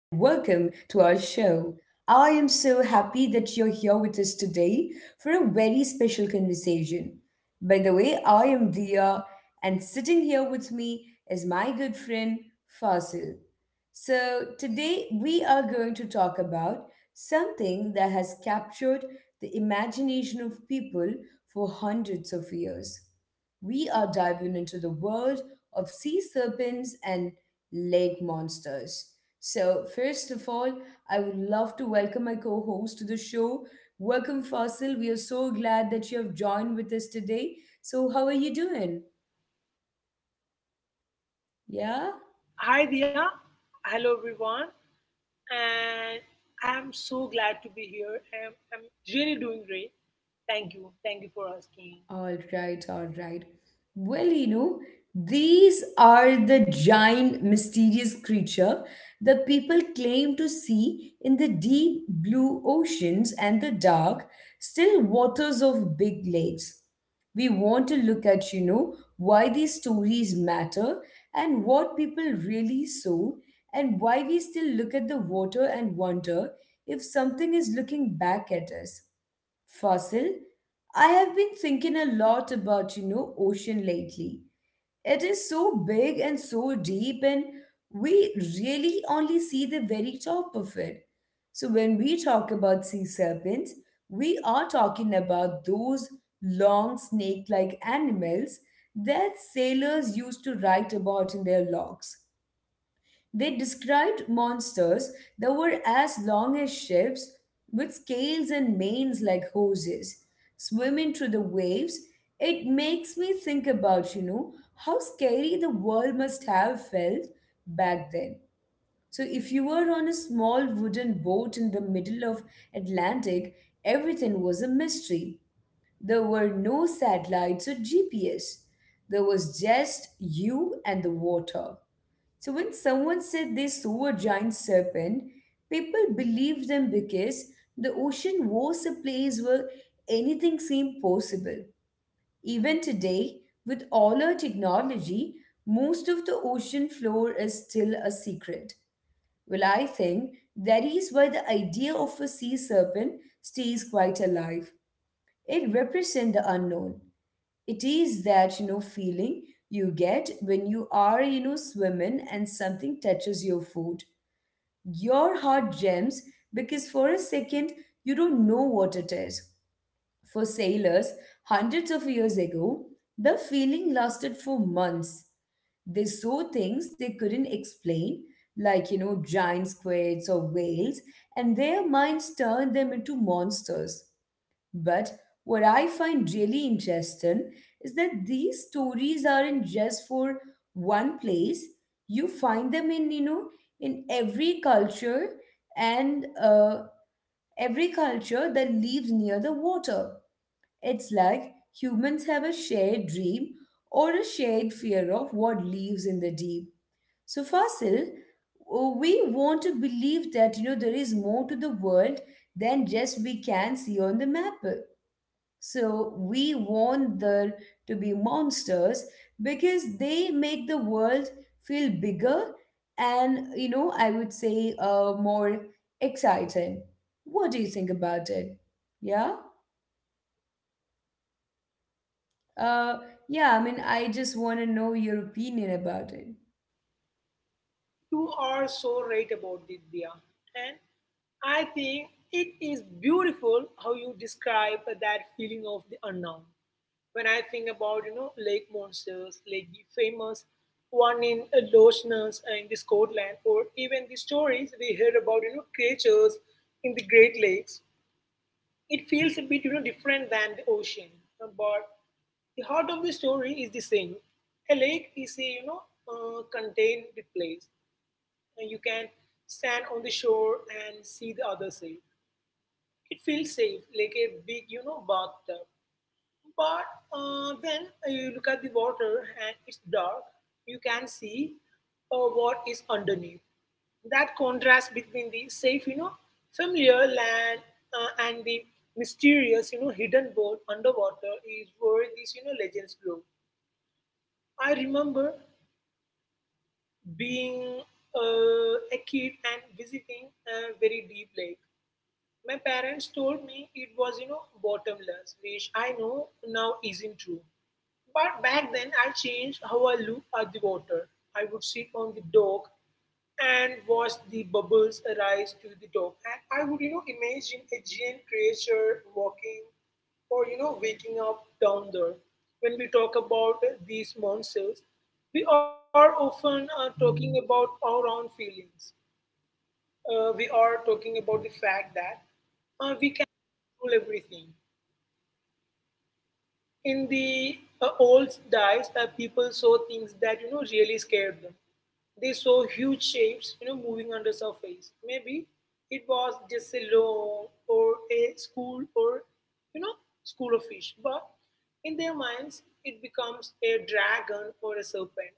to our show. I am so happy that you're here with us today for a very special conversation. By the way, I am Dia, and sitting here with me is my good friend Fasil. So, today we are going to talk about something that has captured the imagination of people for hundreds of years. We are diving into the world of sea serpents and lake monsters. So, first of all, I would love to welcome my co host to the show. Welcome, Fasil. We are so glad that you have joined with us today. So, how are you doing? Yeah? Hi Dia. Hello everyone. And I'm so glad to be here. I'm really doing great. Thank you. Thank you for asking. All right, all right. Well, these are the giant mysterious creature that people claim to see in the deep blue oceans and the dark, still waters of big lakes. We want to look at, why these stories matter and what people really saw, and why we still look at the water and wonder if something is looking back at us. Fossil, I have been thinking a lot about, ocean lately. It is so big and so deep, and we really only see the very top of it. So, when we talk about sea serpents, we are talking about those long snake like animals that sailors used to write about in their logs. They described monsters that were as long as ships, with scales and manes like hoses, swimming through the waves. It makes me think about, how scary the world must have felt back then. So if you were on a small wooden boat in the middle of Atlantic, everything was a mystery. There were no satellites or GPS. There was just you and the water. So when someone said they saw a giant serpent, people believed them because the ocean was a place where anything seemed possible. Even today, with all our technology, most of the ocean floor is still a secret. Well, I think that is why the idea of a sea serpent stays quite alive. It represents the unknown. It is that feeling you get when you are swimming and something touches your foot. Your heart jumps because for a second you don't know what it is. For sailors hundreds of years ago, the feeling lasted for months. They saw things they couldn't explain, like giant squids or whales, and their minds turned them into monsters. But what I find really interesting is that these stories aren't just for one place. You find them in every culture, and every culture that lives near the water. It's like humans have a shared dream or a shared fear of what lives in the deep. So, Fasil, we want to believe that, there is more to the world than just we can see on the map. So we want there to be monsters because they make the world feel bigger and, I would say more exciting. What do you think about it? Yeah? Uh, yeah, I mean, I just want to know your opinion about it. You are so right about it, Dia. And I think it is beautiful how you describe that feeling of the unknown. When I think about, you know, lake monsters, like the famous one in Loch Ness in the Scotland, or even the stories we heard about, you know, creatures in the Great Lakes, it feels a bit, you know, different than the ocean, but the heart of the story is the same. A lake is a, you know, contained place, and you can stand on the shore and see the other side. It feels safe, like a big, you know, bathtub. But then you look at the water and it's dark. You can see what is underneath. That contrast between the safe, you know, familiar land and the mysterious, you know, hidden world underwater is where these, you know, legends grow. I remember being a kid and visiting a very deep lake. My parents told me it was, you know, bottomless, which I know now isn't true. But back then, I changed how I look at the water. I would sit on the dock and watch the bubbles rise to the top. And I would, you know, imagine a giant creature walking or, you know, waking up down there. When we talk about these monsters, we are often talking about our own feelings. We are talking about the fact that we can control everything. In the old days, people saw things that, you know, really scared them. They saw huge shapes, you know, moving under surface. Maybe it was just a lawn or a school or, you know, school of fish, but in their minds it becomes a dragon or a serpent.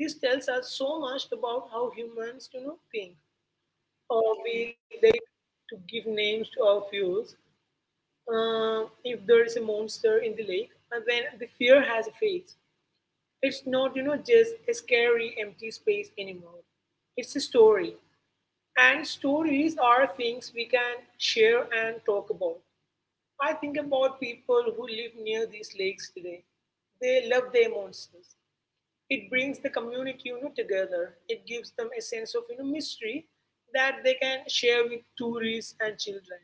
This tells us so much about how humans, you know, think. We like to give names to our fears. If there is a monster in the lake, and then the fear has a face. It's not, you know, just a scary empty space anymore. It's a story, and stories are things we can share and talk about. I think about people who live near these lakes today. They love their monsters. It brings the community, you know, together. It gives them a sense of, you know, mystery that they can share with tourists and children,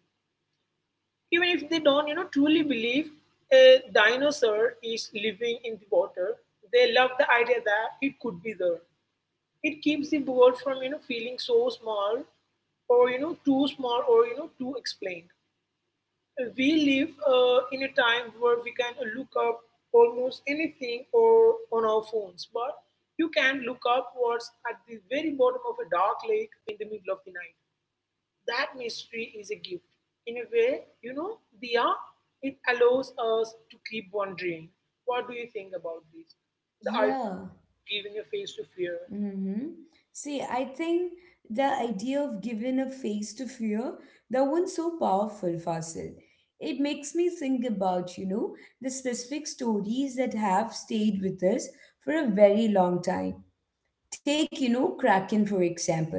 even if they don't, you know, truly believe a dinosaur is living in the water. They love the idea that it could be there. It keeps the world from, you know, feeling so small or, you know, too small or, you know, too explained. We live in a time where we can look up almost anything or on our phones, but you can look up what's at the very bottom of a dark lake in the middle of the night. That mystery is a gift. In a way, you know, Dia, it allows us to keep wondering. What do you think about this? The idea Yeah. of giving a face to fear. Mm-hmm. See, I think the idea of giving a face to fear, that one's so powerful, Fasil. It makes me think about, the specific stories that have stayed with us for a very long time. Take, Kraken, for example.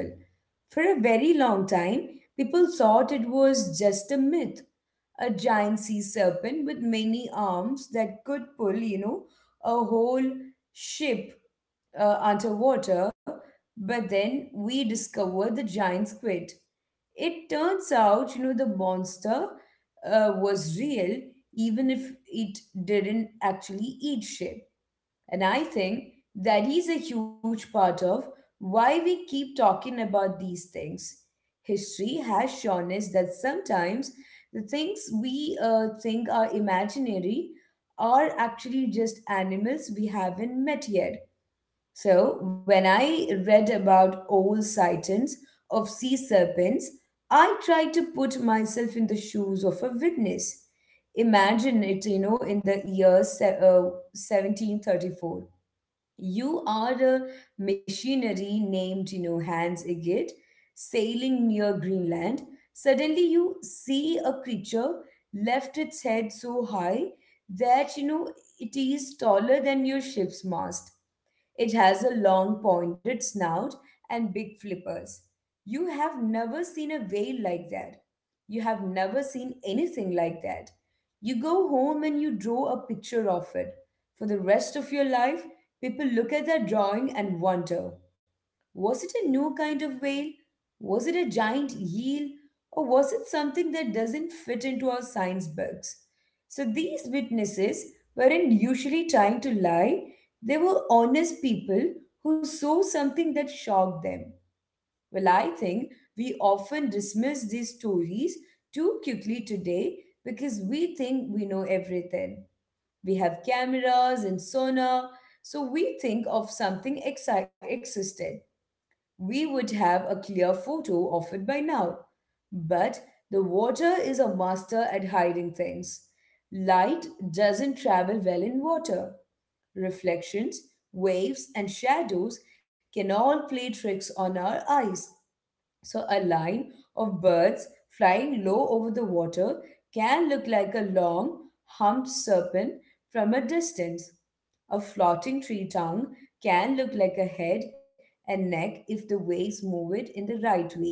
For a very long time, people thought it was just a myth, a giant sea serpent with many arms that could pull, a whole ship underwater, but then we discovered the giant squid. It turns out, the monster was real, even if it didn't actually eat shit. And I think that is a huge part of why we keep talking about these things. History has shown us that sometimes the things we think are imaginary are actually just animals we haven't met yet. So, when I read about old sightings of sea serpents, I tried to put myself in the shoes of a witness. Imagine it, in the year 1734. You are a machinery named, Hans Igget, sailing near Greenland. Suddenly, you see a creature left its head so high that, it is taller than your ship's mast. It has a long pointed snout and big flippers. You have never seen a whale like that. You have never seen anything like that. You go home and you draw a picture of it. For the rest of your life, people look at that drawing and wonder was it a new kind of whale? Was it a giant eel? Or was it something that doesn't fit into our science books? So these witnesses weren't usually trying to lie, they were honest people who saw something that shocked them. Well, I think we often dismiss these stories too quickly today because we think we know everything. We have cameras and sonar, so we think of something existed. We would have a clear photo of it by now. But the water is a master at hiding things. Light doesn't travel well in water. Reflections, waves, and shadows can all play tricks on our eyes. So a line of birds flying low over the water can look like a long, humped serpent from a distance. A floating tree tongue can look like a head and neck if the waves move it in the right way.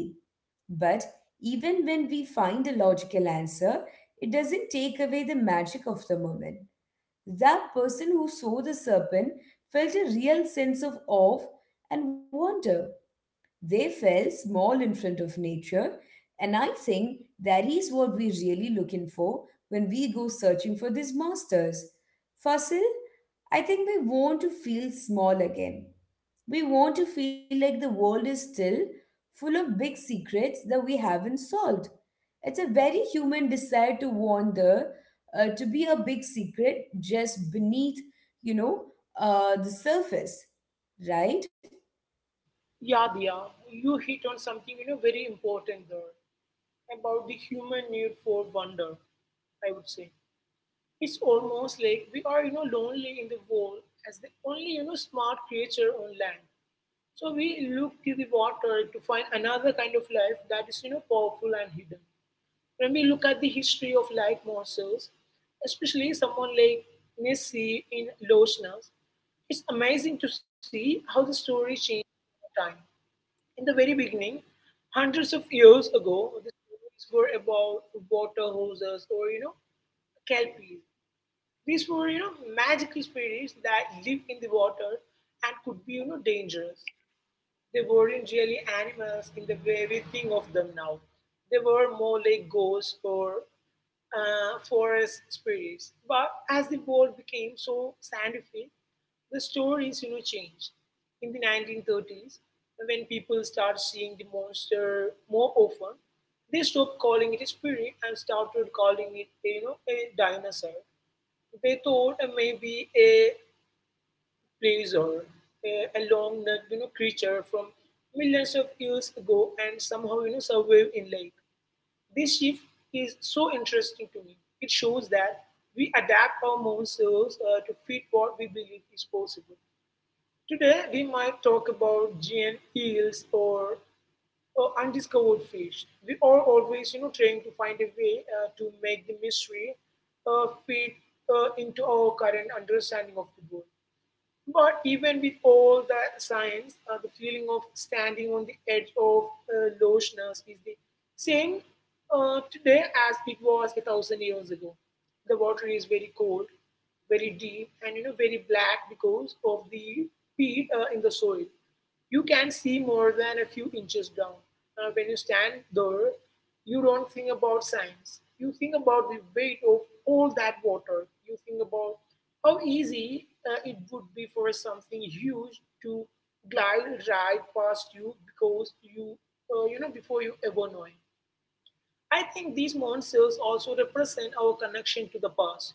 But even when we find a logical answer, it doesn't take away the magic of the moment. That person who saw the serpent felt a real sense of awe and wonder. They felt small in front of nature, and I think that is what we're really looking for when we go searching for these masters. Fossil, I think we want to feel small again. We want to feel like the world is still full of big secrets that we haven't solved. It's a very human desire to wander, to be a big secret just beneath, you know, the surface, right? Yeah, Dia, you hit on something, you know, very important there about the human need for wonder, I would say. It's almost like we are, you know, lonely in the world as the only, you know, smart creature on land. So we look to the water to find another kind of life that is, you know, powerful and hidden. When we look at the history of life morsels, especially someone like Nessie in Lochnas, it's amazing to see how the story changed over time. In the very beginning, hundreds of years ago, the stories were about water hoses or, you know, kelpies. These were, you know, magical spirits that lived in the water and could be, you know, dangerous. They weren't really animals in the way we think of them now. They were more like ghosts or forest spirits. But as the world became so scientific, the stories, you know, changed. In the 1930s, when people start seeing the monster more often, they stopped calling it a spirit and started calling it, you know, a dinosaur. They thought maybe a pleaser, a, a long necked, you know, creature from millions of years ago and somehow, you know, survive in lake. This shift is so interesting to me. It shows that we adapt our monsters to fit what we believe is possible. Today we might talk about giant eels or undiscovered fish. We are always, you know, trying to find a way to make the mystery fit into our current understanding of the world. But even with all the science, the feeling of standing on the edge of lostness is the same today as it was a thousand years ago. The water is very cold, very deep, and, you know, very black because of the peat in the soil you can see more than a few inches down. When you stand there, you don't think about signs. You think about the weight of all that water. You think about how easy it would be for something huge to glide right past you because you, before you ever know it. I think these monsters also represent our connection to the past.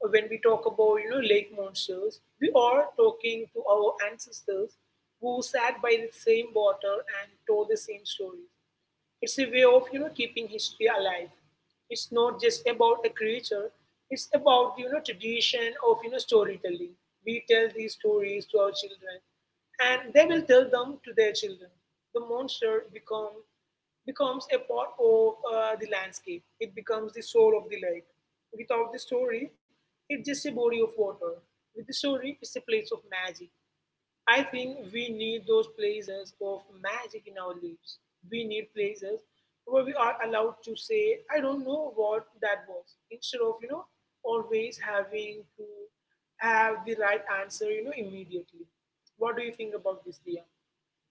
When we talk about, you know, lake monsters, we are talking to our ancestors who sat by the same water and told the same stories. It's a way of, you know, keeping history alive. It's not just about a creature. It's about, you know, tradition of, you know, storytelling. We tell these stories to our children, and they will tell them to their children. The monster becomes a part of the landscape. It becomes the soul of the lake. Without the story, it's just a body of water. With the story, it's a place of magic. I think we need those places of magic in our lives. We need places where we are allowed to say, I don't know what that was, instead of, you know, always having to have the right answer, you know, immediately. What do you think about this, Dia?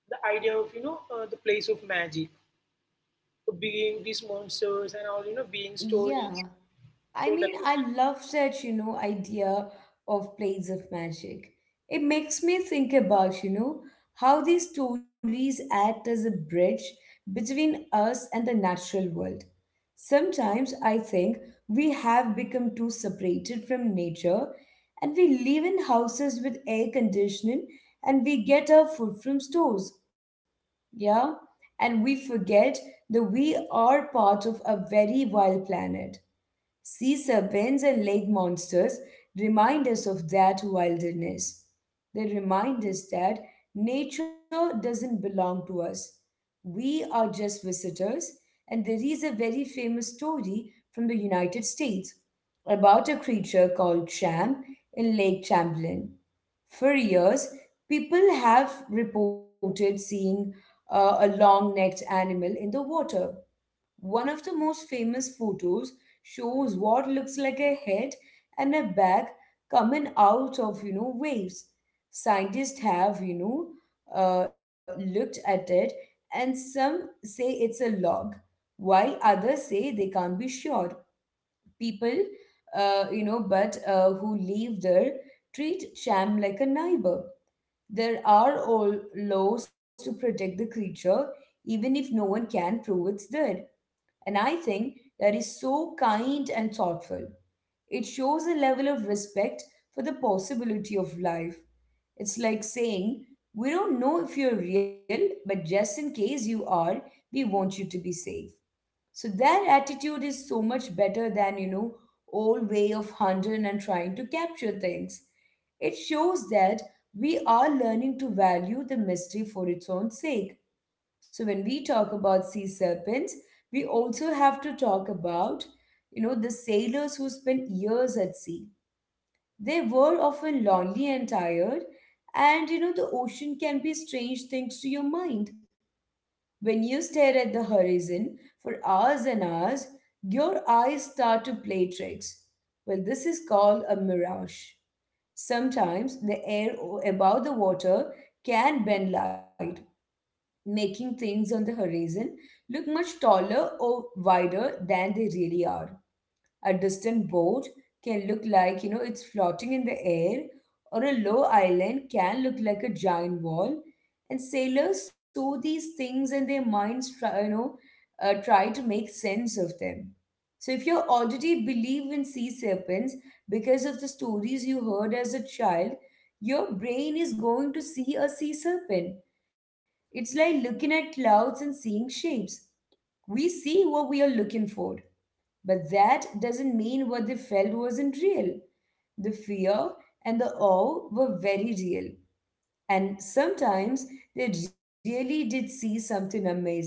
The idea of, you know, the place of magic, being these monsters and all, you know, being stories Yeah, I told mean, across. I love that, idea of plates of magic. It makes me think about, how these stories act as a bridge between us and the natural world. Sometimes I think we have become too separated from nature and we live in houses with air conditioning and we get our food from stores. Yeah? And we forget that we are part of a very wild planet. Sea serpents and lake monsters remind us of that wilderness. They remind us that nature doesn't belong to us. We are just visitors, and there is a very famous story from the United States about a creature called Champ in Lake Champlain. For years, people have reported seeing a long necked animal in the water. One of the most famous photos shows what looks like a head and a back coming out of waves. Scientists have looked at it, and some say it's a log, while others say they can't be sure. People, but who live there treat Cham like a neighbor. There are all laws to protect the creature, even if no one can prove it's there. And I think that is so kind and thoughtful. It shows a level of respect for the possibility of life. It's like saying, we don't know if you're real, but just in case you are, we want you to be safe. So that attitude is so much better than, old way of hunting and trying to capture things. It shows that we are learning to value the mystery for its own sake. So when we talk about sea serpents, we also have to talk about, the sailors who spent years at sea. They were often lonely and tired, and the ocean can be strange things to your mind. When you stare at the horizon for hours and hours, your eyes start to play tricks. Well, this is called a mirage. Sometimes the air above the water can bend light making things on the horizon look much taller or wider than they really are. A distant boat can look like, it's floating in the air, or a low island can look like a giant wall. And sailors saw these things and their minds try to make sense of them. So if you already believe in sea serpents because of the stories you heard as a child, your brain is going to see a sea serpent. It's like looking at clouds and seeing shapes. We see what we are looking for, but that doesn't mean what they felt wasn't real. The fear and the awe were very real, and sometimes they really did see something amazing.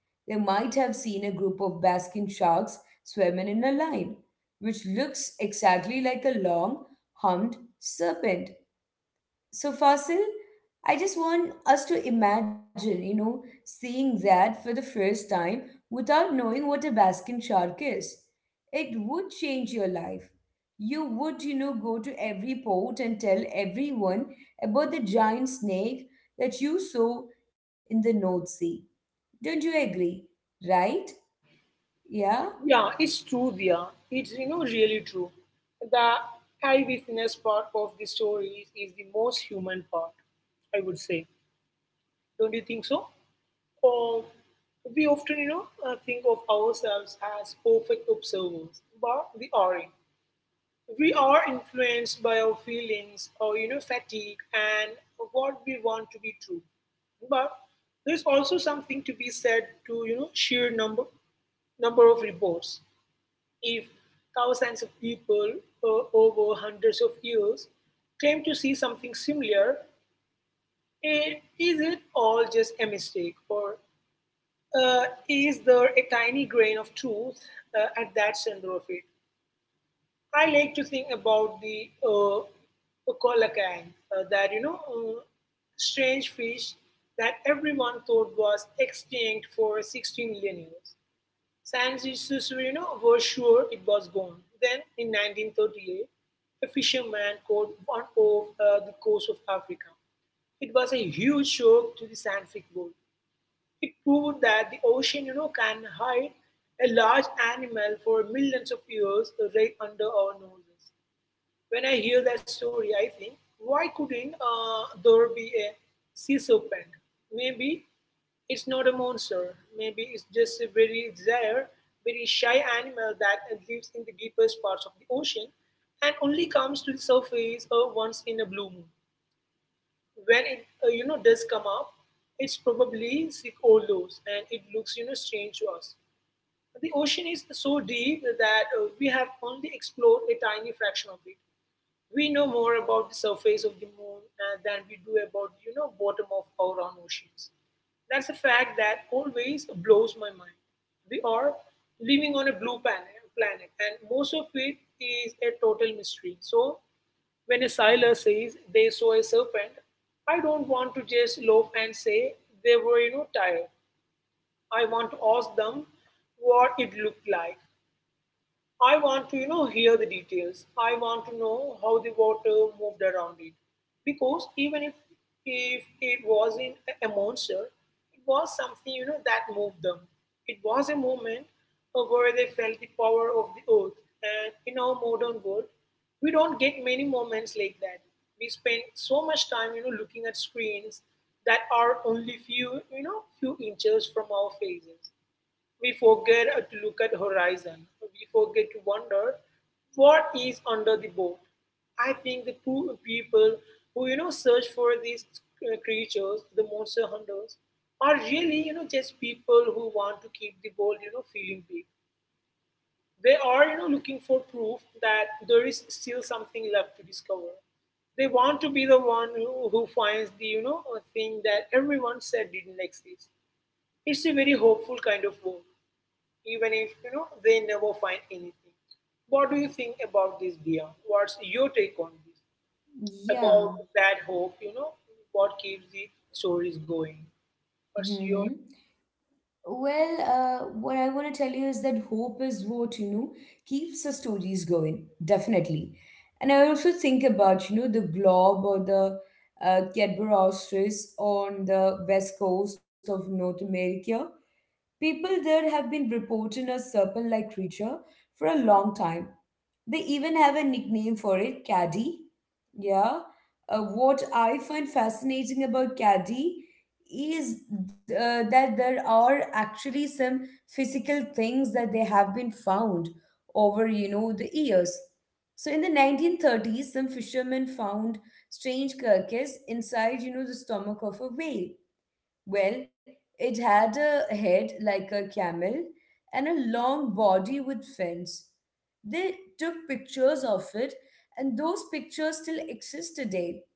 They might have seen a group of basking sharks swimming in a line, which looks exactly like a long, humped serpent. So, Fasil, I just want us to imagine, seeing that for the first time without knowing what a Baskin shark is. It would change your life. You would, go to every port and tell everyone about the giant snake that you saw in the North Sea. Don't you agree? Right? Yeah? Yeah, it's true, Dia. It's, you know, really true. The eyewitness part of the story is the most human part, I would say. Don't you think so? Or we often, you know, think of ourselves as perfect observers, but we aren't. We are influenced by our feelings or, you know, fatigue and what we want to be true. But there's also something to be said to, you know, sheer number of reports. If thousands of people over hundreds of years claim to see something similar, is it all just a mistake? Or is there a tiny grain of truth at that center of it? I like to think about the kolakang, that, you know, strange fish that everyone thought was extinct for 60 million years. Sans, you know, was sure it was gone. Then, in 1938, a fisherman caught one off the coast of Africa. It was a huge shock to the scientific world. It proved that the ocean, you know, can hide a large animal for millions of years right under our noses. When I hear that story, I think, why couldn't there be a sea serpent? Maybe it's not a monster. Maybe it's just a very rare, very shy animal that lives in the deepest parts of the ocean and only comes to the surface once in a blue moon. When it, does come up, it's probably sick or loose and it looks, you know, strange to us. The ocean is so deep that we have only explored a tiny fraction of it. We know more about the surface of the moon than we do about, you know, bottom of our own oceans. That's a fact that always blows my mind. We are living on a blue planet, and most of it is a total mystery. So when a sailor says they saw a serpent, I don't want to just loaf and say they were, you know, tired. I want to ask them what it looked like. I want to, you know, hear the details. I want to know how the water moved around it. Because even if it was in a monster, it was something, you know, that moved them. It was a moment where they felt the power of the earth. And in our modern world, we don't get many moments like that. We spend so much time, you know, looking at screens that are only few, inches from our faces. We forget to look at horizon. We forget to wonder what is under the boat. I think the people who search for these creatures, the monster hunters, are really just people who want to keep the world feeling big. They are looking for proof that there is still something left to discover. They want to be the one who finds the a thing that everyone said didn't exist. It's a very hopeful kind of work even if they never find anything. What do you think about this, Dia? What's your take on this? About Yeah. that hope, what keeps the stories going? What's Mm-hmm. your— Well, what I want to tell you is that hope is what, keeps the stories going, definitely. And I also think about, the globe or the Cadbury ostrich on the west coast of North America. People there have been reporting a serpent-like creature for a long time they even have a nickname for it, caddy. Yeah. What I find fascinating about caddy is that there are actually some physical things that they have been found over, the years. So in the 1930s, some fishermen found strange carcass inside, the stomach of a whale. Well, it had a head like a camel and a long body with fins. They took pictures of it, and those pictures still exist today.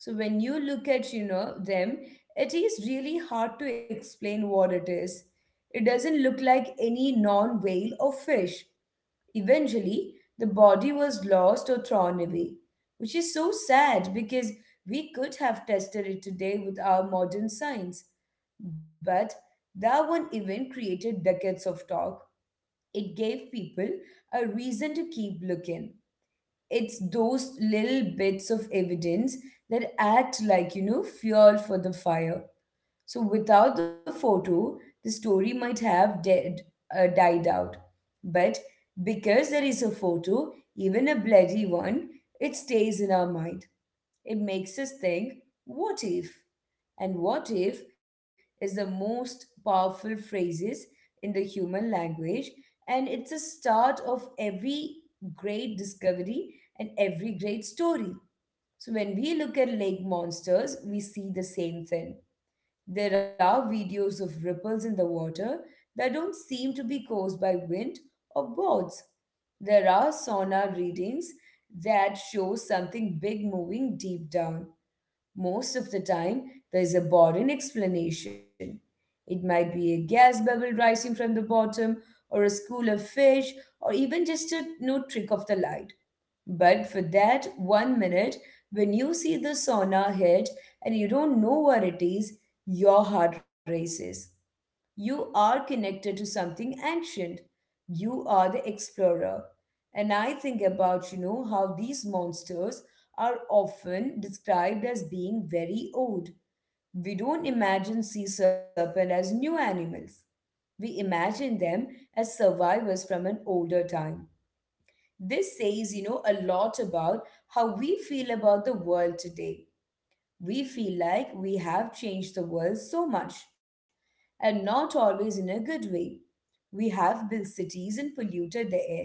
So when you look at, them, it is really hard to explain what it is. It doesn't look like any non-whale or fish. Eventually, the body was lost or thrown away, which is so sad because we could have tested it today with our modern science. But that one event created decades of talk. It gave people a reason to keep looking. It's those little bits of evidence that act like, fuel for the fire. So without the photo, the story might have died out. But because there is a photo, even a bloody one, it stays in our mind. It makes us think, what if? And what if is the most powerful phrases in the human language, and it's a start of every great discovery and every great story. So when we look at lake monsters, we see the same thing. There are videos of ripples in the water that don't seem to be caused by wind or boards. There are sonar readings that show something big moving deep down. Most of the time, there is a boring explanation. It might be a gas bubble rising from the bottom, or a school of fish, or even just a new trick of the light. But for that 1 minute, when you see the sauna head and you don't know what it is, your heart races. You are connected to something ancient. You are the explorer. And I think about, how these monsters are often described as being very old. We don't imagine sea serpent as new animals. We imagine them as survivors from an older time. This says, a lot about how we feel about the world today. We feel like we have changed the world so much and not always in a good way. We have built cities and polluted the air.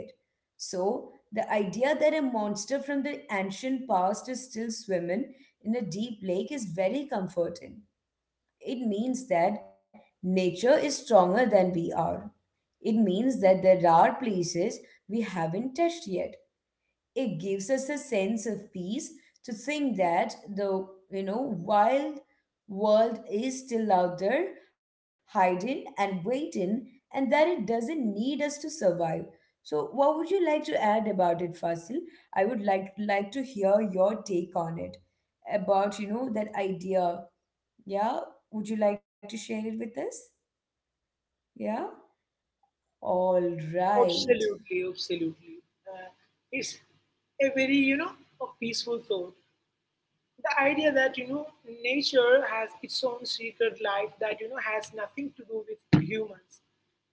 So, the idea that a monster from the ancient past is still swimming in a deep lake is very comforting. It means that nature is stronger than we are. It means that there are places we haven't touched yet. It gives us a sense of peace to think that the wild world is still out there hiding and waiting, and that it doesn't need us to survive. So what would you like to add about it, Fasil? I would like to hear your take on it about, that idea. Yeah? Would you like to share it with us? Yeah. All right. Absolutely, absolutely. Uh, it's a very, a peaceful thought. The idea that nature has its own secret life that has nothing to do with humans.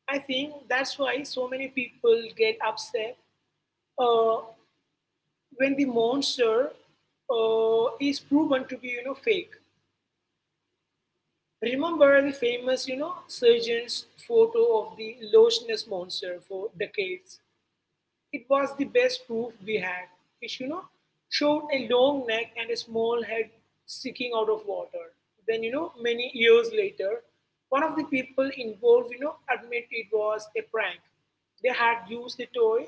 I think that's why so many people get upset uh, when the monster is proven to be fake. Remember the famous surgeon's photo of the Loch Ness monster. For decades it was the best proof we had. It showed a long neck and a small head sticking out of water. Then, many years later, one of the people involved admit it was a prank. They had used a toy,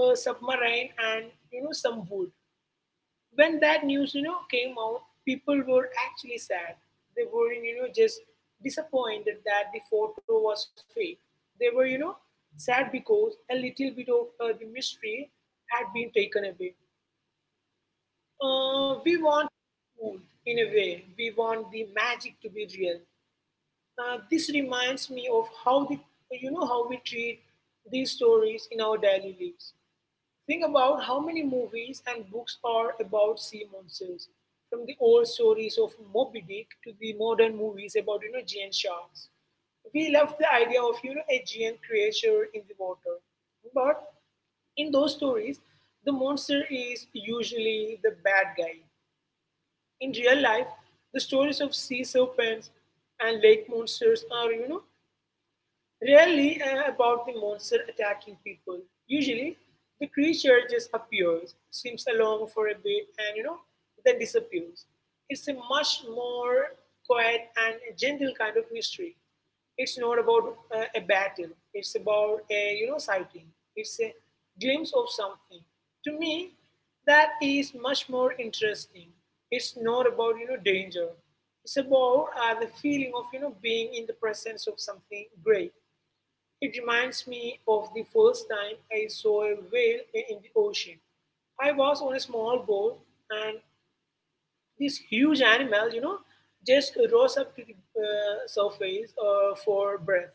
a submarine, and some wood. When that news came out, people were actually sad. They were just disappointed that the photo was fake. They were sad because a little bit of the mystery had been taken away. We want food. In a way, we want the magic to be real. This reminds me of how the you know how we treat these stories in our daily lives. Think about how many movies and books are about sea monsters, from the old stories of Moby Dick to the modern movies about giant sharks. We love the idea of a giant creature in the water, but in those stories, the monster is usually the bad guy. In real life, the stories of sea serpents and lake monsters are rarely about the monster attacking people. Usually, the creature just appears, swims along for a bit, and, then disappears. It's a much more quiet and gentle kind of mystery. It's not about a battle. It's about a sighting. It's a glimpse of something. To me, that is much more interesting. It's not about danger. It's about the feeling of being in the presence of something great. It reminds me of the first time I saw a whale in the ocean. I was on a small boat, and this huge animal, just rose up to the surface for breath.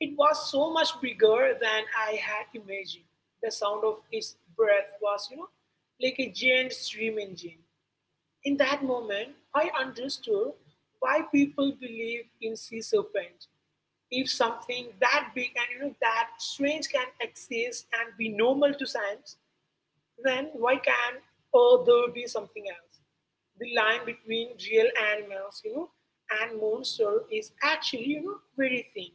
It was so much bigger than I had imagined. The sound of its breath was, like a giant steam engine. In that moment, I understood why people believe in sea serpents. If something that big and that strange can exist and be normal to science, then why can't or there be something else? The line between real animals, and monster is actually, very thin.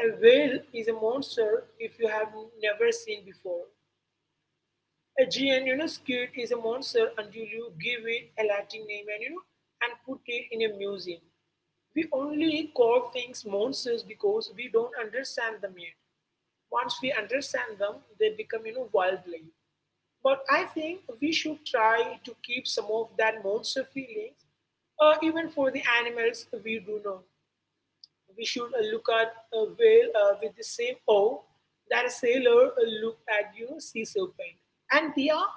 A whale is a monster if you have never seen before. A giant, squid is a monster until you give it a Latin name and you know and put it in a museum. We only call things monsters because we don't understand them yet. Once we understand them, they become, worldly. But I think we should try to keep some of that monster feelings, even for the animals we do know. We should look at a whale with the same awe that a sailor look at, sea serpent. And they are,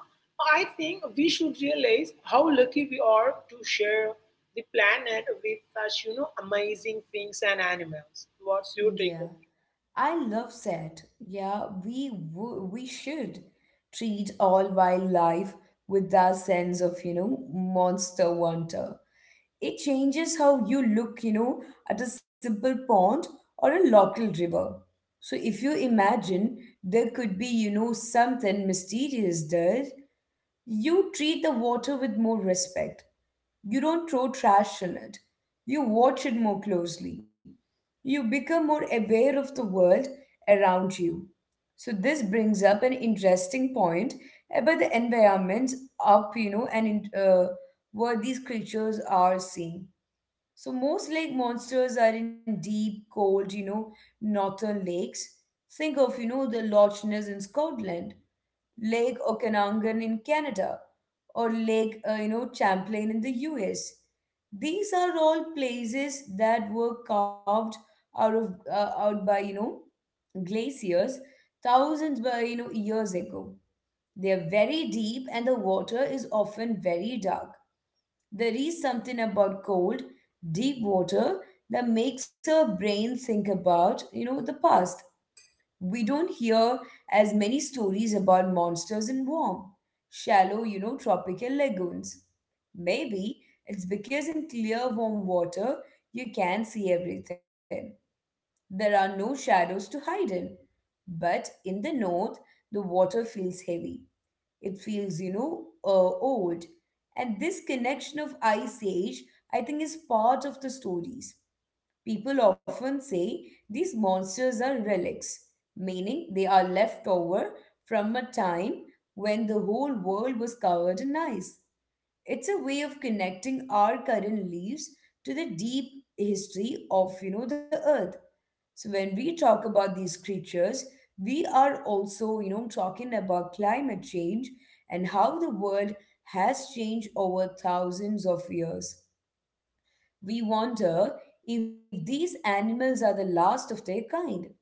I think, we should realize how lucky we are to share the planet with such, amazing things and animals. What's your take on? Yeah, I love that. Yeah, we should treat all wildlife with that sense of, monster wonder. It changes how you look, at a simple pond or a local river. So if you imagine there could be, something mysterious there, you treat the water with more respect. You don't throw trash on it. You watch it more closely. You become more aware of the world around you. So this brings up an interesting point about the environment up, and where these creatures are seen. So most lake monsters are in deep, cold, northern lakes. Think of, the Loch Ness in Scotland, Lake Okanagan in Canada, or Lake, Champlain in the US. These are all places that were carved out by, glaciers thousands by, years ago. They are very deep and the water is often very dark. There is something about cold, deep water that makes our brain think about, the past. We don't hear as many stories about monsters in warm, shallow, tropical lagoons. Maybe it's because in clear, warm water, you can see everything. There are no shadows to hide in. But in the north, the water feels heavy. It feels, old. And this connection of Ice Age, I think, is part of the stories. People often say these monsters are relics, meaning they are left over from a time when the whole world was covered in ice. It's a way of connecting our current leaves to the deep history of the earth. So when we talk about these creatures, we are also, talking about climate change and how the world has changed over thousands of years. We wonder if these animals are the last of their kind,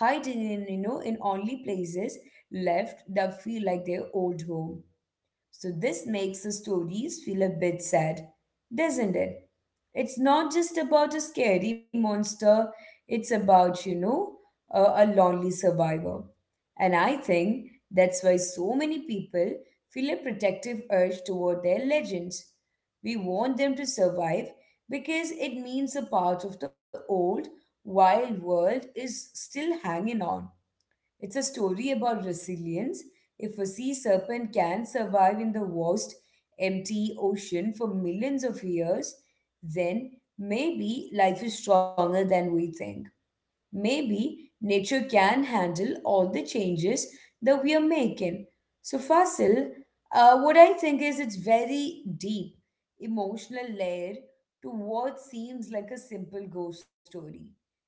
hiding in, in only places left that feel like their old home. So this makes the stories feel a bit sad, doesn't it? It's not just about a scary monster, it's about, a lonely survivor. And I think that's why so many people feel a protective urge toward their legends. We want them to survive because it means a part of the old, wild world is still hanging on. It's a story about resilience. If a sea serpent can survive in the vast, empty ocean for millions of years, then maybe life is stronger than we think. Maybe nature can handle all the changes that we are making. So, Fasil, what I think is it's very deep, emotional layer to what seems like a simple ghost story.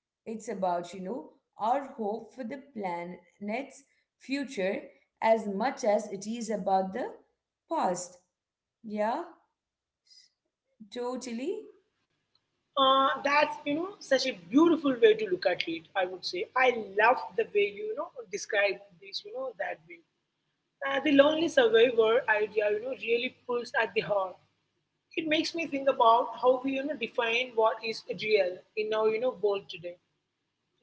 It's about, our hope for the planet's future as much as it is about the past. Yeah, totally. That's such a beautiful way to look at it. I would say I love the way you, you know describe this. That way. The lonely survivor idea, really pulls at the heart. It makes me think about how we define what is real in our world today.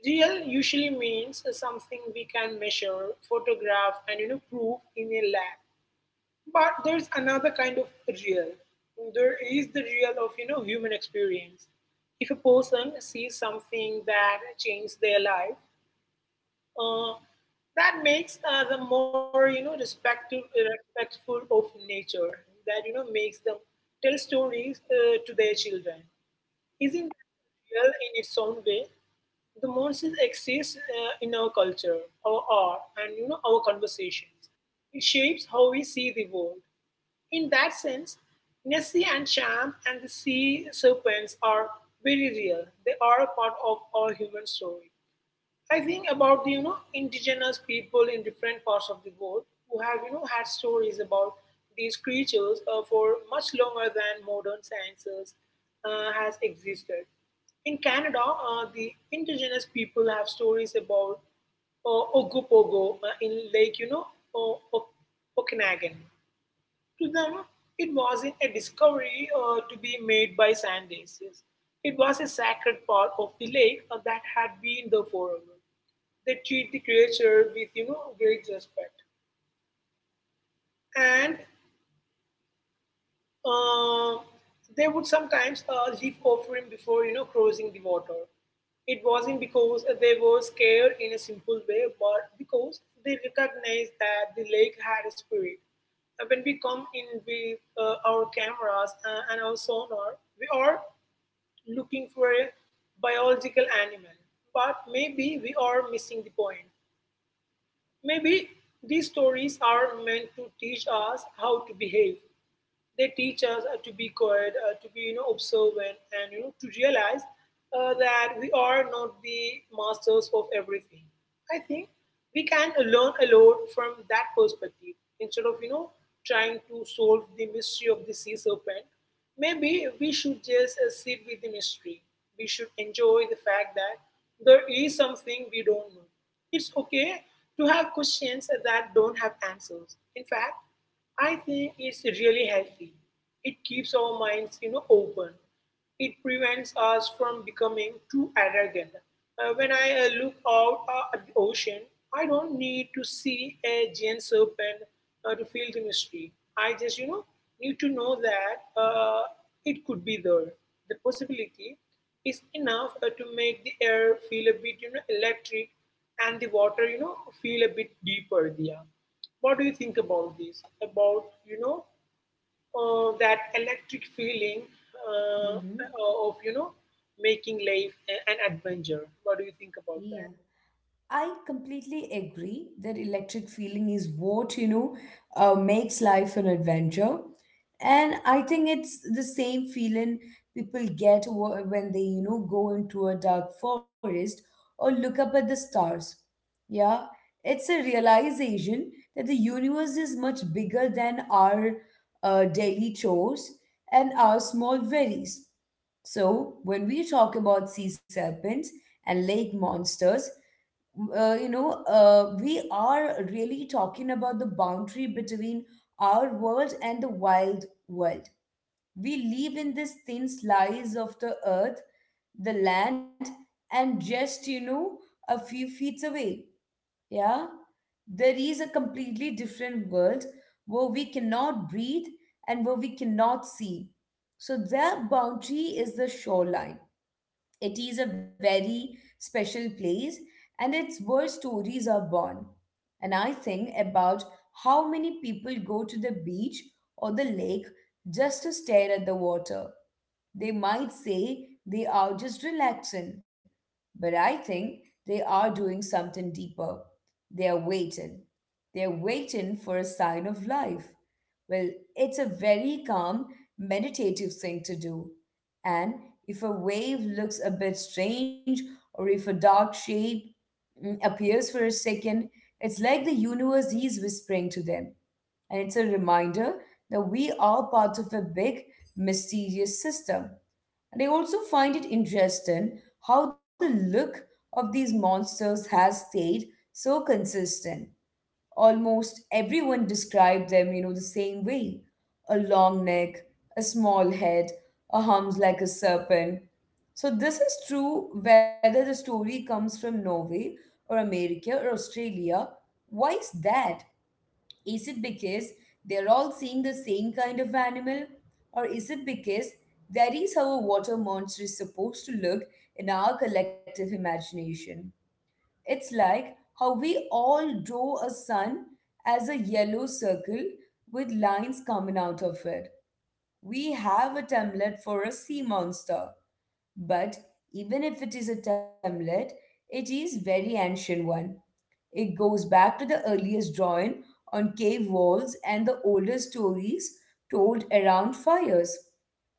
Real usually means something we can measure, photograph, and prove in a lab, but there's another kind of real. There is the real of human experience. If a person sees something that changes their life, uh, that makes them more respectful of nature. That makes them tell stories to their children. Isn't that real in its own way? The monsters exist in our culture, our art, and our conversations. It shapes how we see the world. In that sense, Nessie and Champ and the sea serpents are very real. They are a part of our human story. I think about the indigenous people in different parts of the world who have had stories about these creatures for much longer than modern sciences has existed. In Canada, the indigenous people have stories about Ogopogo in Lake o- o- Okanagan. To them, it wasn't a discovery to be made by sand daisies. It was a sacred part of the lake that had been there forever. They treat the creature with, great respect. And Uh, they would sometimes leave offering before crossing the water. It wasn't because they were scared in a simple way, but because they recognized that the lake had a spirit. When we come in with our cameras and our sonar, we are looking for a biological animal. But maybe we are missing the point. Maybe these stories are meant to teach us how to behave. They teach us to be quiet, to be observant, and to realize that we are not the masters of everything. I think we can learn a lot from that perspective instead of trying to solve the mystery of the sea serpent. Maybe we should just sit with the mystery. We should enjoy the fact that there is something we don't know. It's okay to have questions that don't have answers. In fact, I think it's really healthy. It keeps our minds, open. It prevents us from becoming too arrogant. When I look out at the ocean, I don't need to see a giant serpent to feel the mystery. I just, need to know that it could be there. The possibility is enough to make the air feel a bit, electric, and the water, feel a bit deeper. There, what do you think about this? About that electric feeling, Mm-hmm. Of making life an adventure. What do you think about Yeah, that? I completely agree that electric feeling is what, makes life an adventure. And I think it's the same feeling people get when they, go into a dark forest or look up at the stars. Yeah, it's a realization that the universe is much bigger than our daily chores and our small worries. So, when we talk about sea serpents and lake monsters, we are really talking about the boundary between our world and the wild world. We live in this thin slice of the earth, the land, and just, a few feet away. Yeah? There is a completely different world where we cannot breathe and where we cannot see. So, that boundary is the shoreline. It is a very special place and it's where stories are born. And I think about how many people go to the beach or the lake just to stare at the water. They might say they are just relaxing, but I think they are doing something deeper. They are waiting. They are waiting for a sign of life. Well, it's a very calm, meditative thing to do. And if a wave looks a bit strange or if a dark shape appears for a second, it's like the universe is whispering to them. And it's a reminder that we are part of a big, mysterious system. And I also find it interesting how the look of these monsters has stayed so consistent. Almost everyone described them, the same way. A long neck, a small head, a hump like a serpent. So this is true whether the story comes from Norway or America or Australia. Why is that? Is it because they're all seeing the same kind of animal? Or is it because that is how a water monster is supposed to look in our collective imagination? It's like how we all draw a sun as a yellow circle with lines coming out of it. We have a template for a sea monster, but even if it is a template, it is very ancient one. It goes back to the earliest drawing on cave walls and the oldest stories told around fires.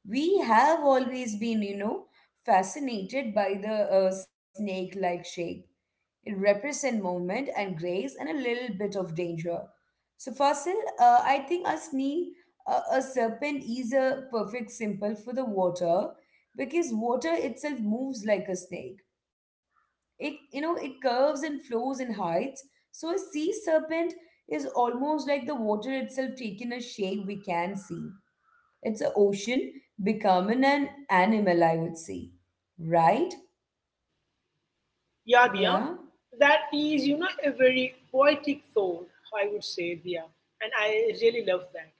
We have always been, fascinated by the snake-like shape. It represents movement and grace and a little bit of danger. So, Fasil, I think a serpent is a perfect symbol for the water because water itself moves like a snake. It, it curves and flows and hides. So, a sea serpent is almost like the water itself taking a shape we can see. It's an ocean becoming an animal, I would say. Right? Yeah, Yeah? Dia, that is a very poetic thought. I would say, Dia, and I really love that.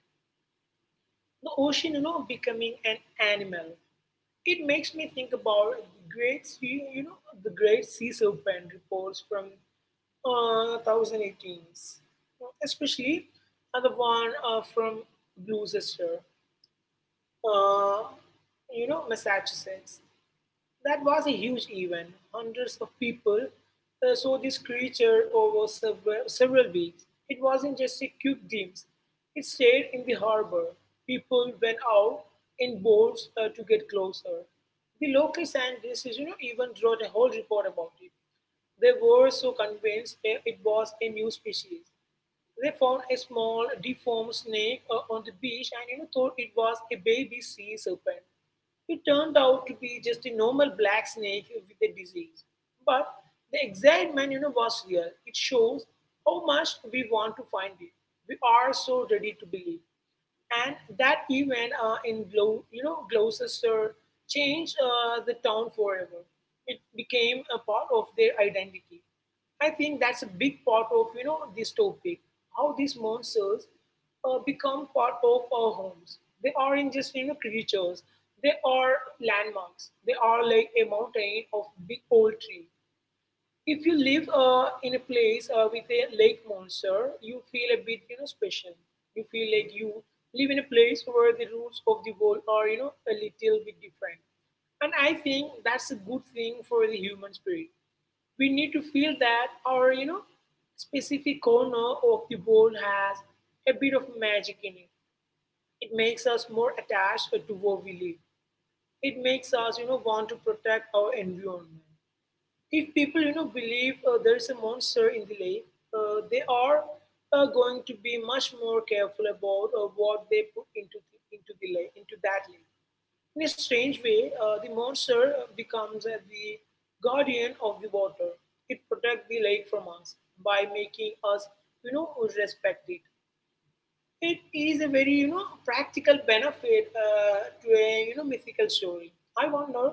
The ocean becoming an animal, it makes me think about the great sea serpent reports from 2018, especially the one from Gloucester, uh, Massachusetts. That was a huge event. Hundreds of people saw this creature over several weeks. It wasn't just a quick glimpse, it stayed in the harbor. People went out in boats to get closer. The local scientists, even wrote a whole report about it. They were so convinced that it was a new species. They found a small deformed snake on the beach and, thought it was a baby sea serpent. It turned out to be just a normal black snake with a disease. But the excitement, was real. It shows how much we want to find it. We are so ready to believe. And that event in Gloucester changed the town forever. It became a part of their identity. I think that's a big part of this topic. How these monsters become part of our homes. They aren't just creatures. They are landmarks. They are like a mountain of big old tree. If you live in a place with a lake monster, you feel a bit, special. You feel like you live in a place where the rules of the world are, a little bit different. And I think that's a good thing for the human spirit. We need to feel that our specific corner of the world has a bit of magic in it. It makes us more attached to what we live. It makes us, want to protect our environment if people believe there is a monster in the lake, they are going to be much more careful about what they put into the lake into that lake. In a strange way, the monster becomes the guardian of the water. It protects the lake from us by making us respect it. It is a very practical benefit, to a mythical story. I wonder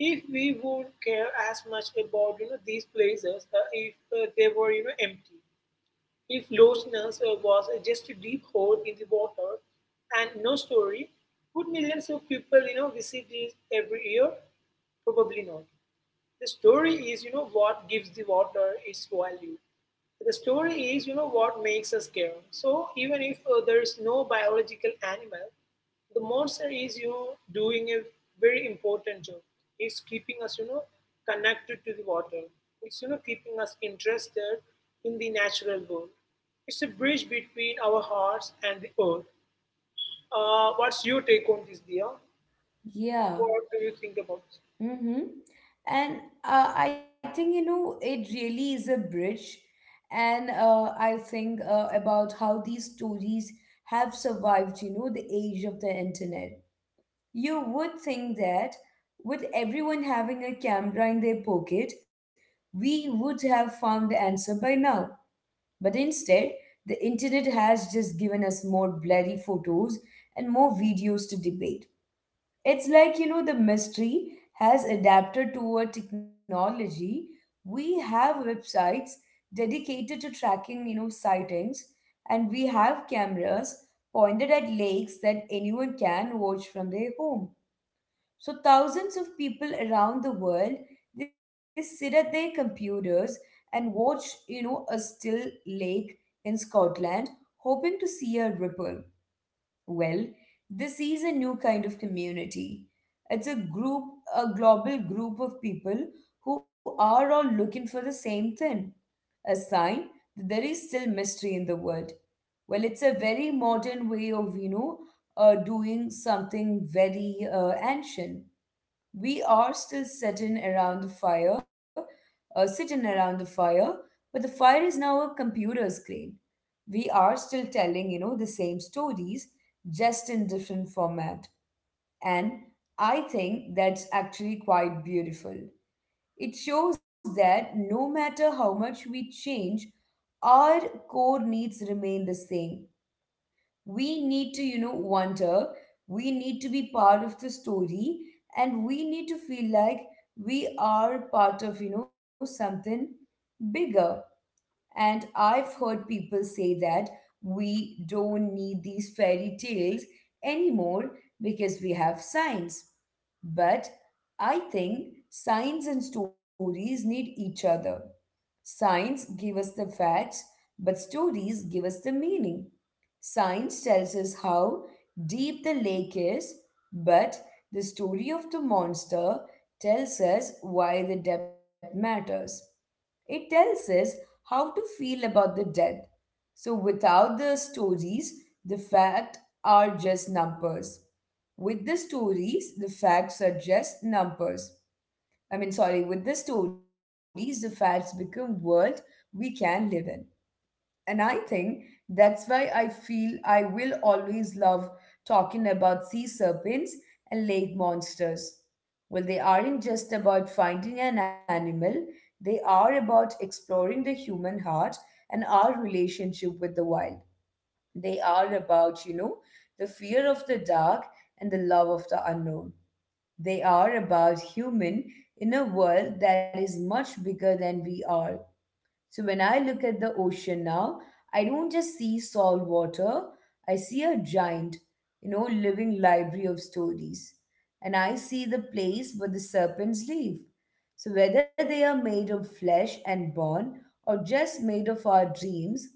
if we would care as much about these places, if they were, empty, if loneliness was just a deep hole in the water and no story. Would millions of people visit these every year? Probably not. The story is, what gives the water its value. The story is, what makes us care. So even if there is no biological animal, the monster is, doing a very important job. It's keeping us, connected to the water. It's, keeping us interested in the natural world. It's a bridge between our hearts and the earth. What's your take on this, Dia? Yeah. What do you think about this? Mm-hmm. And I think, it really is a bridge. And I think about how these stories have survived, the age of the internet. You would think that with everyone having a camera in their pocket, we would have found the answer by now. But instead, the internet has just given us more bloody photos and more videos to debate. It's like, the mystery has adapted to a technology. We have websites dedicated to tracking, sightings, and we have cameras pointed at lakes that anyone can watch from their home. So thousands of people around the world, they sit at their computers and watch, a still lake in Scotland, hoping to see a ripple. Well, this is a new kind of community. It's a group, a global group of people who are all looking for the same thing, a sign that there is still mystery in the world. Well, it's a very modern way of, doing something very ancient. We are still sitting around the fire, but the fire is now a computer screen. We are still telling the same stories, just in different format. And I think that's actually quite beautiful. It shows that no matter how much we change, our core needs remain the same. We need to wonder, we need to be part of the story, and we need to feel like we are part of something bigger. And I've heard people say that we don't need these fairy tales anymore because we have science. But I think science and stories need each other. Science give us the facts, but stories give us the meaning. Science tells us how deep the lake is, but the story of the monster tells us why the depth matters. It tells us how to feel about the death. So without the stories, the facts are just numbers. With the stories, the facts are just numbers. I mean, sorry, with the stories, the facts become world we can live in. And I think that's why I feel I will always love talking about sea serpents and lake monsters. Well, they aren't just about finding an animal, they are about exploring the human heart and our relationship with the wild. They are about, the fear of the dark and the love of the unknown. They are about human in a world that is much bigger than we are. So when I look at the ocean now, I don't just see salt water, I see a giant, living library of stories. And I see the place where the serpents live. So whether they are made of flesh and bone or just made of our dreams,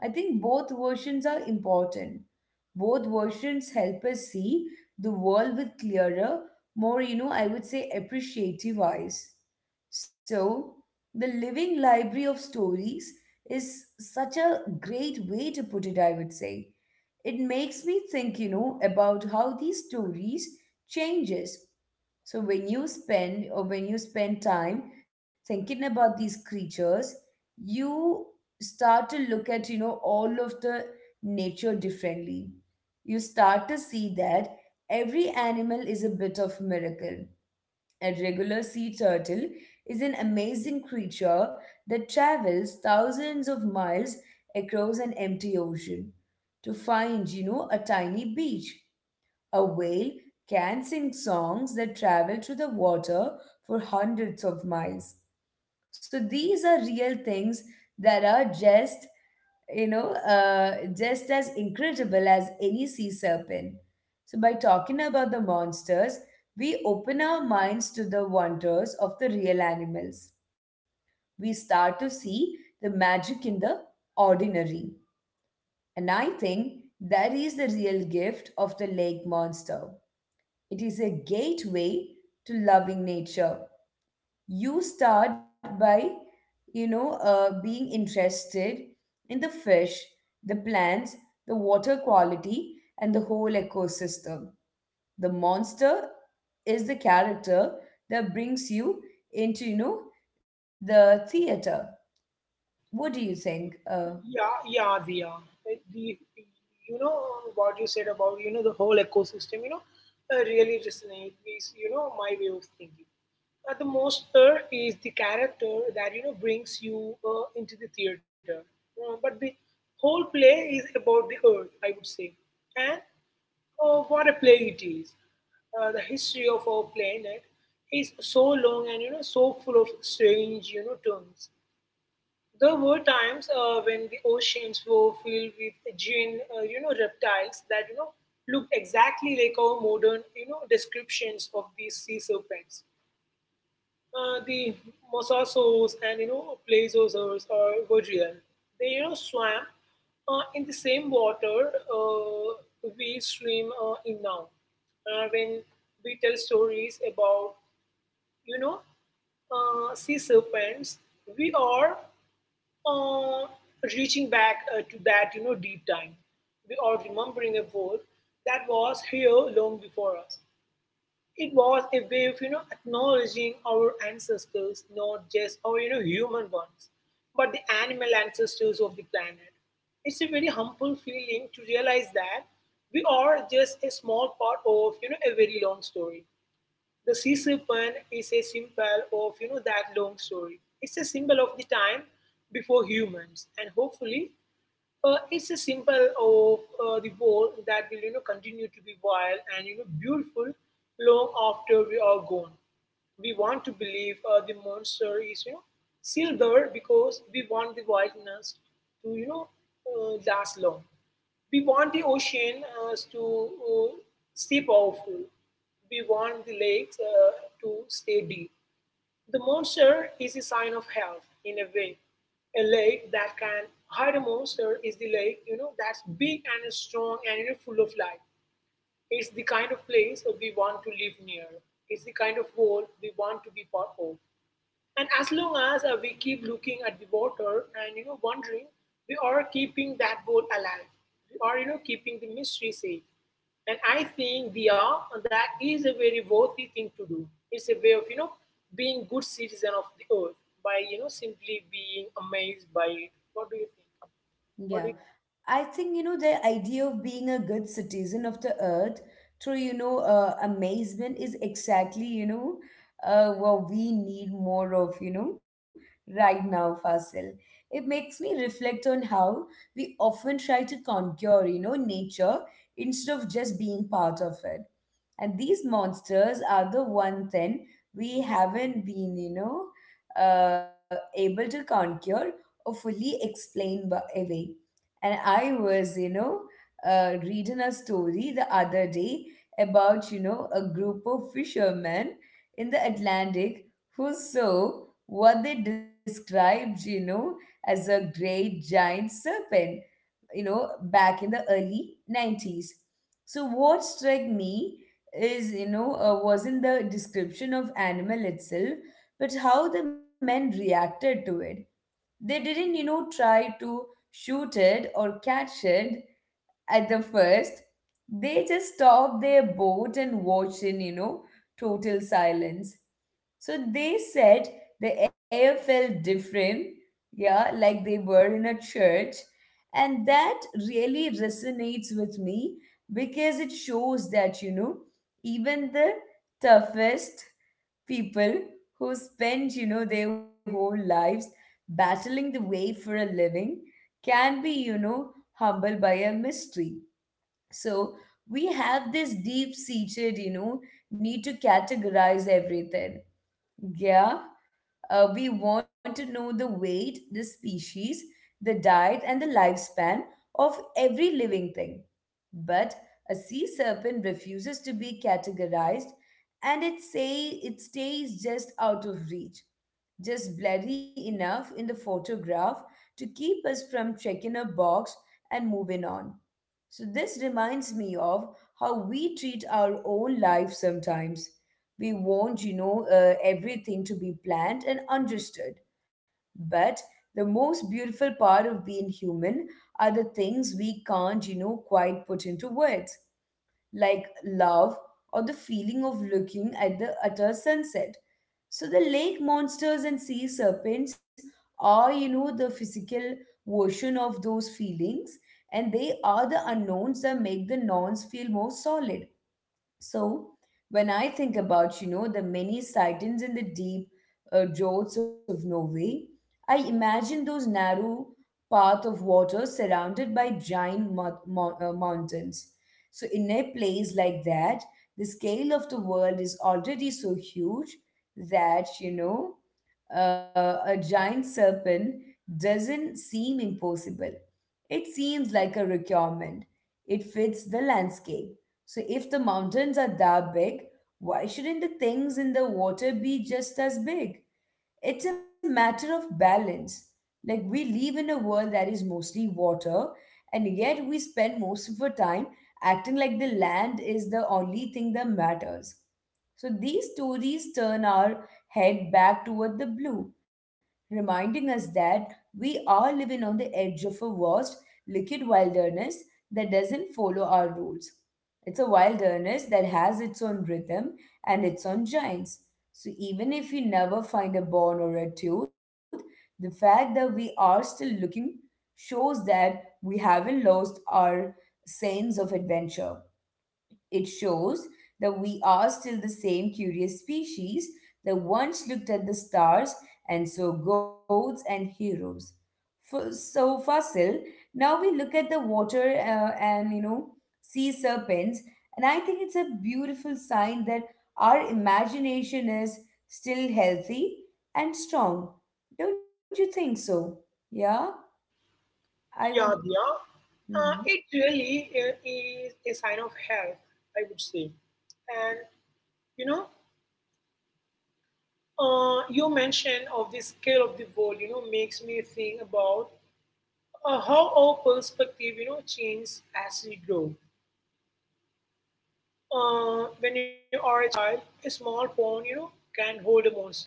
I think both versions are important. Both versions help us see the world with clearer, more, I would say appreciative eyes. So, the living library of stories is such a great way to put it, I would say. It makes me think, about how these stories changes. So when you spend time thinking about these creatures, you start to look at, all of the nature differently. You start to see that every animal is a bit of miracle. A regular sea turtle is an amazing creature that travels thousands of miles across an empty ocean to find, a tiny beach. A whale can sing songs that travel through the water for hundreds of miles. So these are real things that are just, just as incredible as any sea serpent. So by talking about the monsters, we open our minds to the wonders of the real animals. We start to see the magic in the ordinary. And I think that is the real gift of the lake monster. It is a gateway to loving nature. You start by being interested in the fish, the plants, the water quality, and the whole ecosystem. The monster is the character that brings you into the theater. What do you think Yeah, yeah, Dia. Uh, The, you know, what you said about the whole ecosystem, really resonate with my way of thinking. The monster is the character that brings you into the theater. But the whole play is about the earth, I would say, and what a play it is. The history of our planet is so long and so full of strange turns. There were times when the oceans were filled with giant, reptiles that look exactly like our modern, descriptions of these sea serpents. The mosasaurs and plesiosaurs are were real. They swam in the same water we swim in now. When we tell stories about you know sea serpents, we are uh, reaching back to that deep time. We are remembering a world that was here long before us. It was a way of acknowledging our ancestors, not just our human ones, but the animal ancestors of the planet. It's a very humble feeling to realize that we are just a small part of a very long story. The sea serpent is a symbol of that long story. It's a symbol of the time before humans, and hopefully, it's a symbol of the world that will continue to be wild and beautiful long after we are gone. We want to believe the monster is still there because we want the wilderness to last long. We want the ocean to stay powerful. We want the lakes to stay deep. The monster is a sign of health, in a way. A lake that can hide a monster is the lake, that's big and strong and, full of life. It's the kind of place that we want to live near. It's the kind of world we want to be part of. And as long as we keep looking at the water and wondering, we are keeping that boat alive. We are keeping the mystery safe. And I think they are. That is a very worthy thing to do. It's a way of being good citizen of the earth by simply being amazed by it. What do you think? What do Yeah, you, I think the idea of being a good citizen of the earth through amazement is exactly what we need more of, right now, Fasil. It makes me reflect on how we often try to conquer nature instead of just being part of it. And these monsters are the one thing we haven't been able to conquer or fully explain away. And I was, reading a story the other day about, a group of fishermen in the Atlantic who saw what they described, as a great giant serpent, back in the early 90s. So, what struck me is, wasn't the description of animal itself, but how the men reacted to it. They didn't, try to shoot it or catch it at the first. They just stopped their boat and watched in, total silence. So they said the air felt different, yeah, like they were in a church. And that really resonates with me because it shows that, even the toughest people who spend their whole lives battling the way for a living can be humbled by a mystery. So we have this deep seated need to categorize everything, yeah. We want to know the weight, the species, the diet, and the lifespan of every living thing. But a sea serpent refuses to be categorized, and it stays just out of reach, just blurry enough in the photograph to keep us from checking a box and moving on. So, this reminds me of how we treat our own life sometimes. We want, everything to be planned and understood. But the most beautiful part of being human are the things we can't, quite put into words, like love or the feeling of looking at the utter sunset. So the lake monsters and sea serpents are, the physical version of those feelings, and they are the unknowns that make the nouns feel more solid. So when I think about, the many sightings in the deep draughts of Norway, I imagine those narrow path of water surrounded by giant mountains. So in a place like that, the scale of the world is already so huge that, a giant serpent doesn't seem impossible. It seems like a requirement. It fits the landscape. So, if the mountains are that big, why shouldn't the things in the water be just as big? It's a matter of balance. Like, we live in a world that is mostly water, and yet we spend most of our time acting like the land is the only thing that matters. So these stories turn our head back toward the blue, reminding us that we are living on the edge of a vast liquid wilderness that doesn't follow our rules. It's a wilderness that has its own rhythm and its own giants. So even if we never find a bone or a tooth, the fact that we are still looking shows that we haven't lost our sense of adventure. It shows that we are still the same curious species that once looked at the stars and saw gods and heroes. So fossil, now we look at the water and sea serpents, and I think it's a beautiful sign that our imagination is still healthy and strong. Don't you think so? Yeah, I would. yeah, Dia? Uh, Mhm. it really is a sign of health, I would say. And you know your mention of the scale of the world, makes me think about how our perspective, changes as we grow. When you are a child, a small pond, can hold a monster.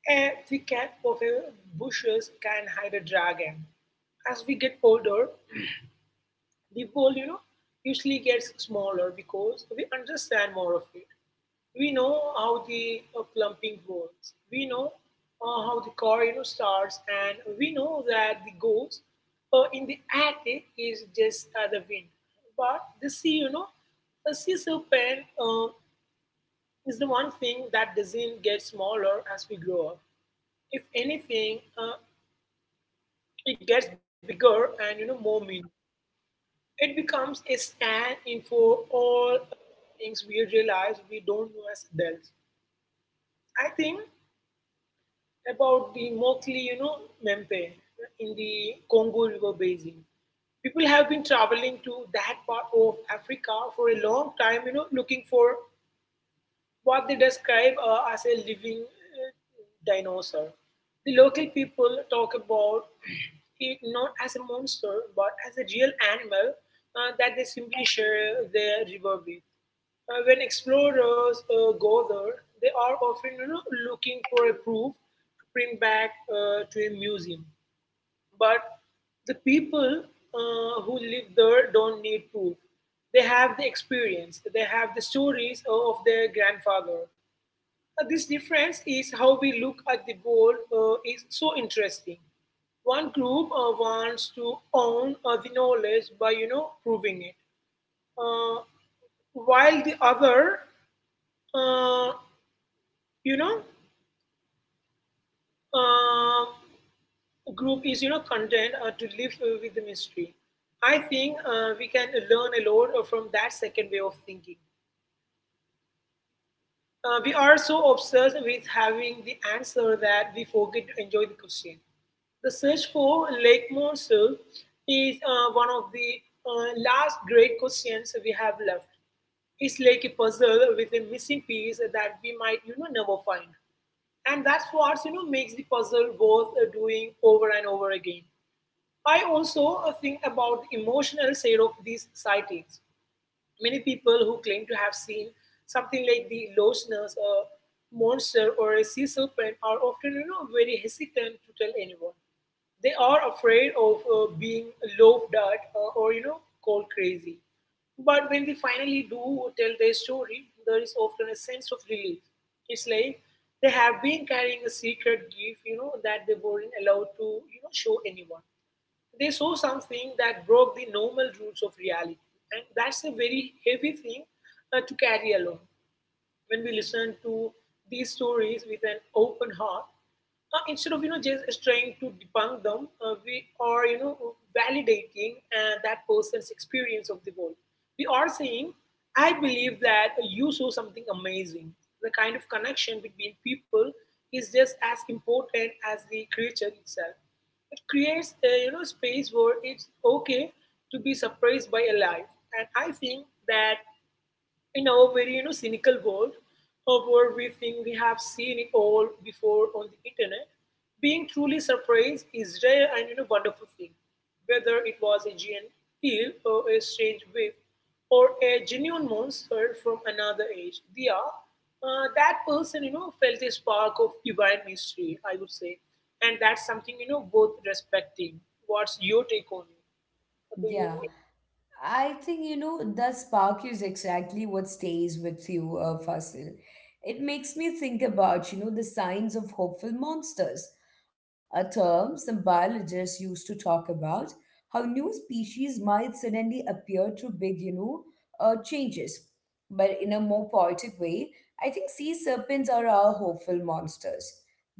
A thick cat of a bushes can hide a dragon. As we get older, the world, usually gets smaller because we understand more of it. We know how the plumping works. We know how the car starts, and we know that the ghost in the attic is just the wind. But the sea, the sea serpent is the one thing that doesn't get smaller as we grow up. If anything, it gets bigger and more meaning. It becomes a stand-in for all things we realize we don't know as adults. I think about the Mokli, Mempe in the Congo River basin. People have been traveling to that part of Africa for a long time, looking for what they describe as a living, dinosaur. The local people talk about it not as a monster but as a real animal that they simply share their river with. When explorers go there, they are often, looking for a proof to bring back to a museum. But the people who live there don't need proof. They have the experience, they have the stories of their grandfather. This difference is how we look at the world is so interesting. One group wants to own the knowledge by, proving it, uh, while the other, uh, you know, uh, group is, content to live with the mystery. I think we can learn a lot from that second way of thinking. We are so obsessed with having the answer that we forget to enjoy the question. The search for Lake Mosul is one of the last great questions we have left. It's like a puzzle with a missing piece that we might, never find. And that's what, makes the puzzle worth doing over and over again. I also think about the emotional side of these sightings. Many people who claim to have seen something like the lost nurse, a monster, or a sea serpent are often, very hesitant to tell anyone. They are afraid of being laughed at or called crazy. But when they finally do tell their story, there is often a sense of relief. It's like they have been carrying a secret gift, that they weren't allowed to, show anyone. They saw something that broke the normal rules of reality, and that's a very heavy thing to carry along. When we listen to these stories with an open heart, instead of just trying to debunk them, we are validating that person's experience of the world. We are saying, "I believe that you saw something amazing." The kind of connection between people is just as important as the creature itself. It creates a space where it's okay to be surprised by a life, and I think that in our very cynical world of where we think we have seen it all before on the internet, being truly surprised is rare and wonderful thing, whether it was a giant eel or a strange wave or a genuine monster from another age. They are, that person felt a spark of divine mystery, I would say, and that's something worth respecting. What's your take on it? Do you Yeah. I think that spark is exactly what stays with you, Fasil. It makes me think about the signs of hopeful monsters, a term some biologists used to talk about how new species might suddenly appear through big changes. But in a more poetic way, I think sea serpents are our hopeful monsters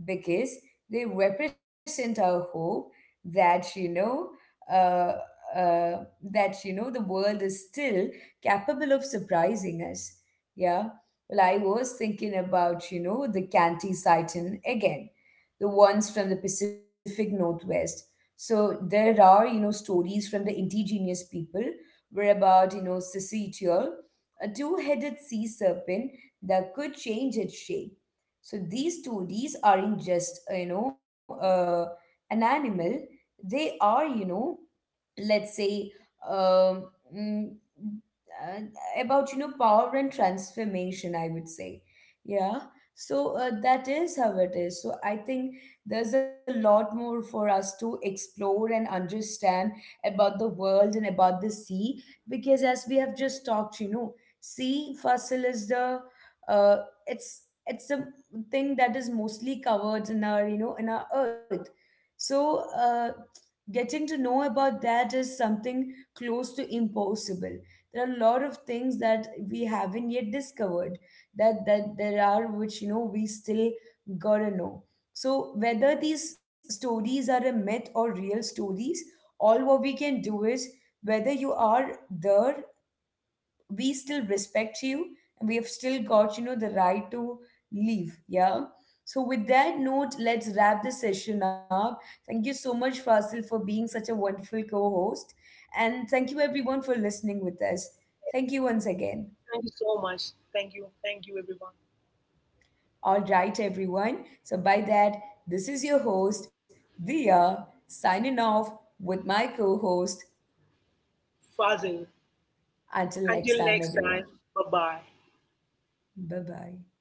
because they represent our hope that Uh, uh, that the world is still capable of surprising us. Yeah. Well, I was thinking about the Canty Titan again, the ones from the Pacific Northwest. So there are stories from the indigenous people were about Sisitiol, a two-headed sea serpent that could change its shape. So these stories aren't just an animal; they are let's say um, mm, uh, about power and transformation, I would say. Yeah. So that is how it is. So I think there's a lot more for us to explore and understand about the world and about the sea, because as we have just talked, sea fossil is the uh, it's a thing that is mostly covered in our in our earth. So getting to know about that is something close to impossible. There are a lot of things that we haven't yet discovered, that there are, which we still gotta know. So whether these stories are a myth or real stories, all what we can do is, whether you are there, we still respect you, and we have still got the right to leave. Yeah. So with that note, let's wrap this session up. Thank you so much, Fasil, for being such a wonderful co-host, and thank you everyone for listening with us. Thank you once again. Thank you so much, thank you, thank you, everyone. All right, everyone, so by that, this is your host, Dia, signing off with my co-host. Fazil. Until Until next next time, time, everyone. bye bye. Bye bye.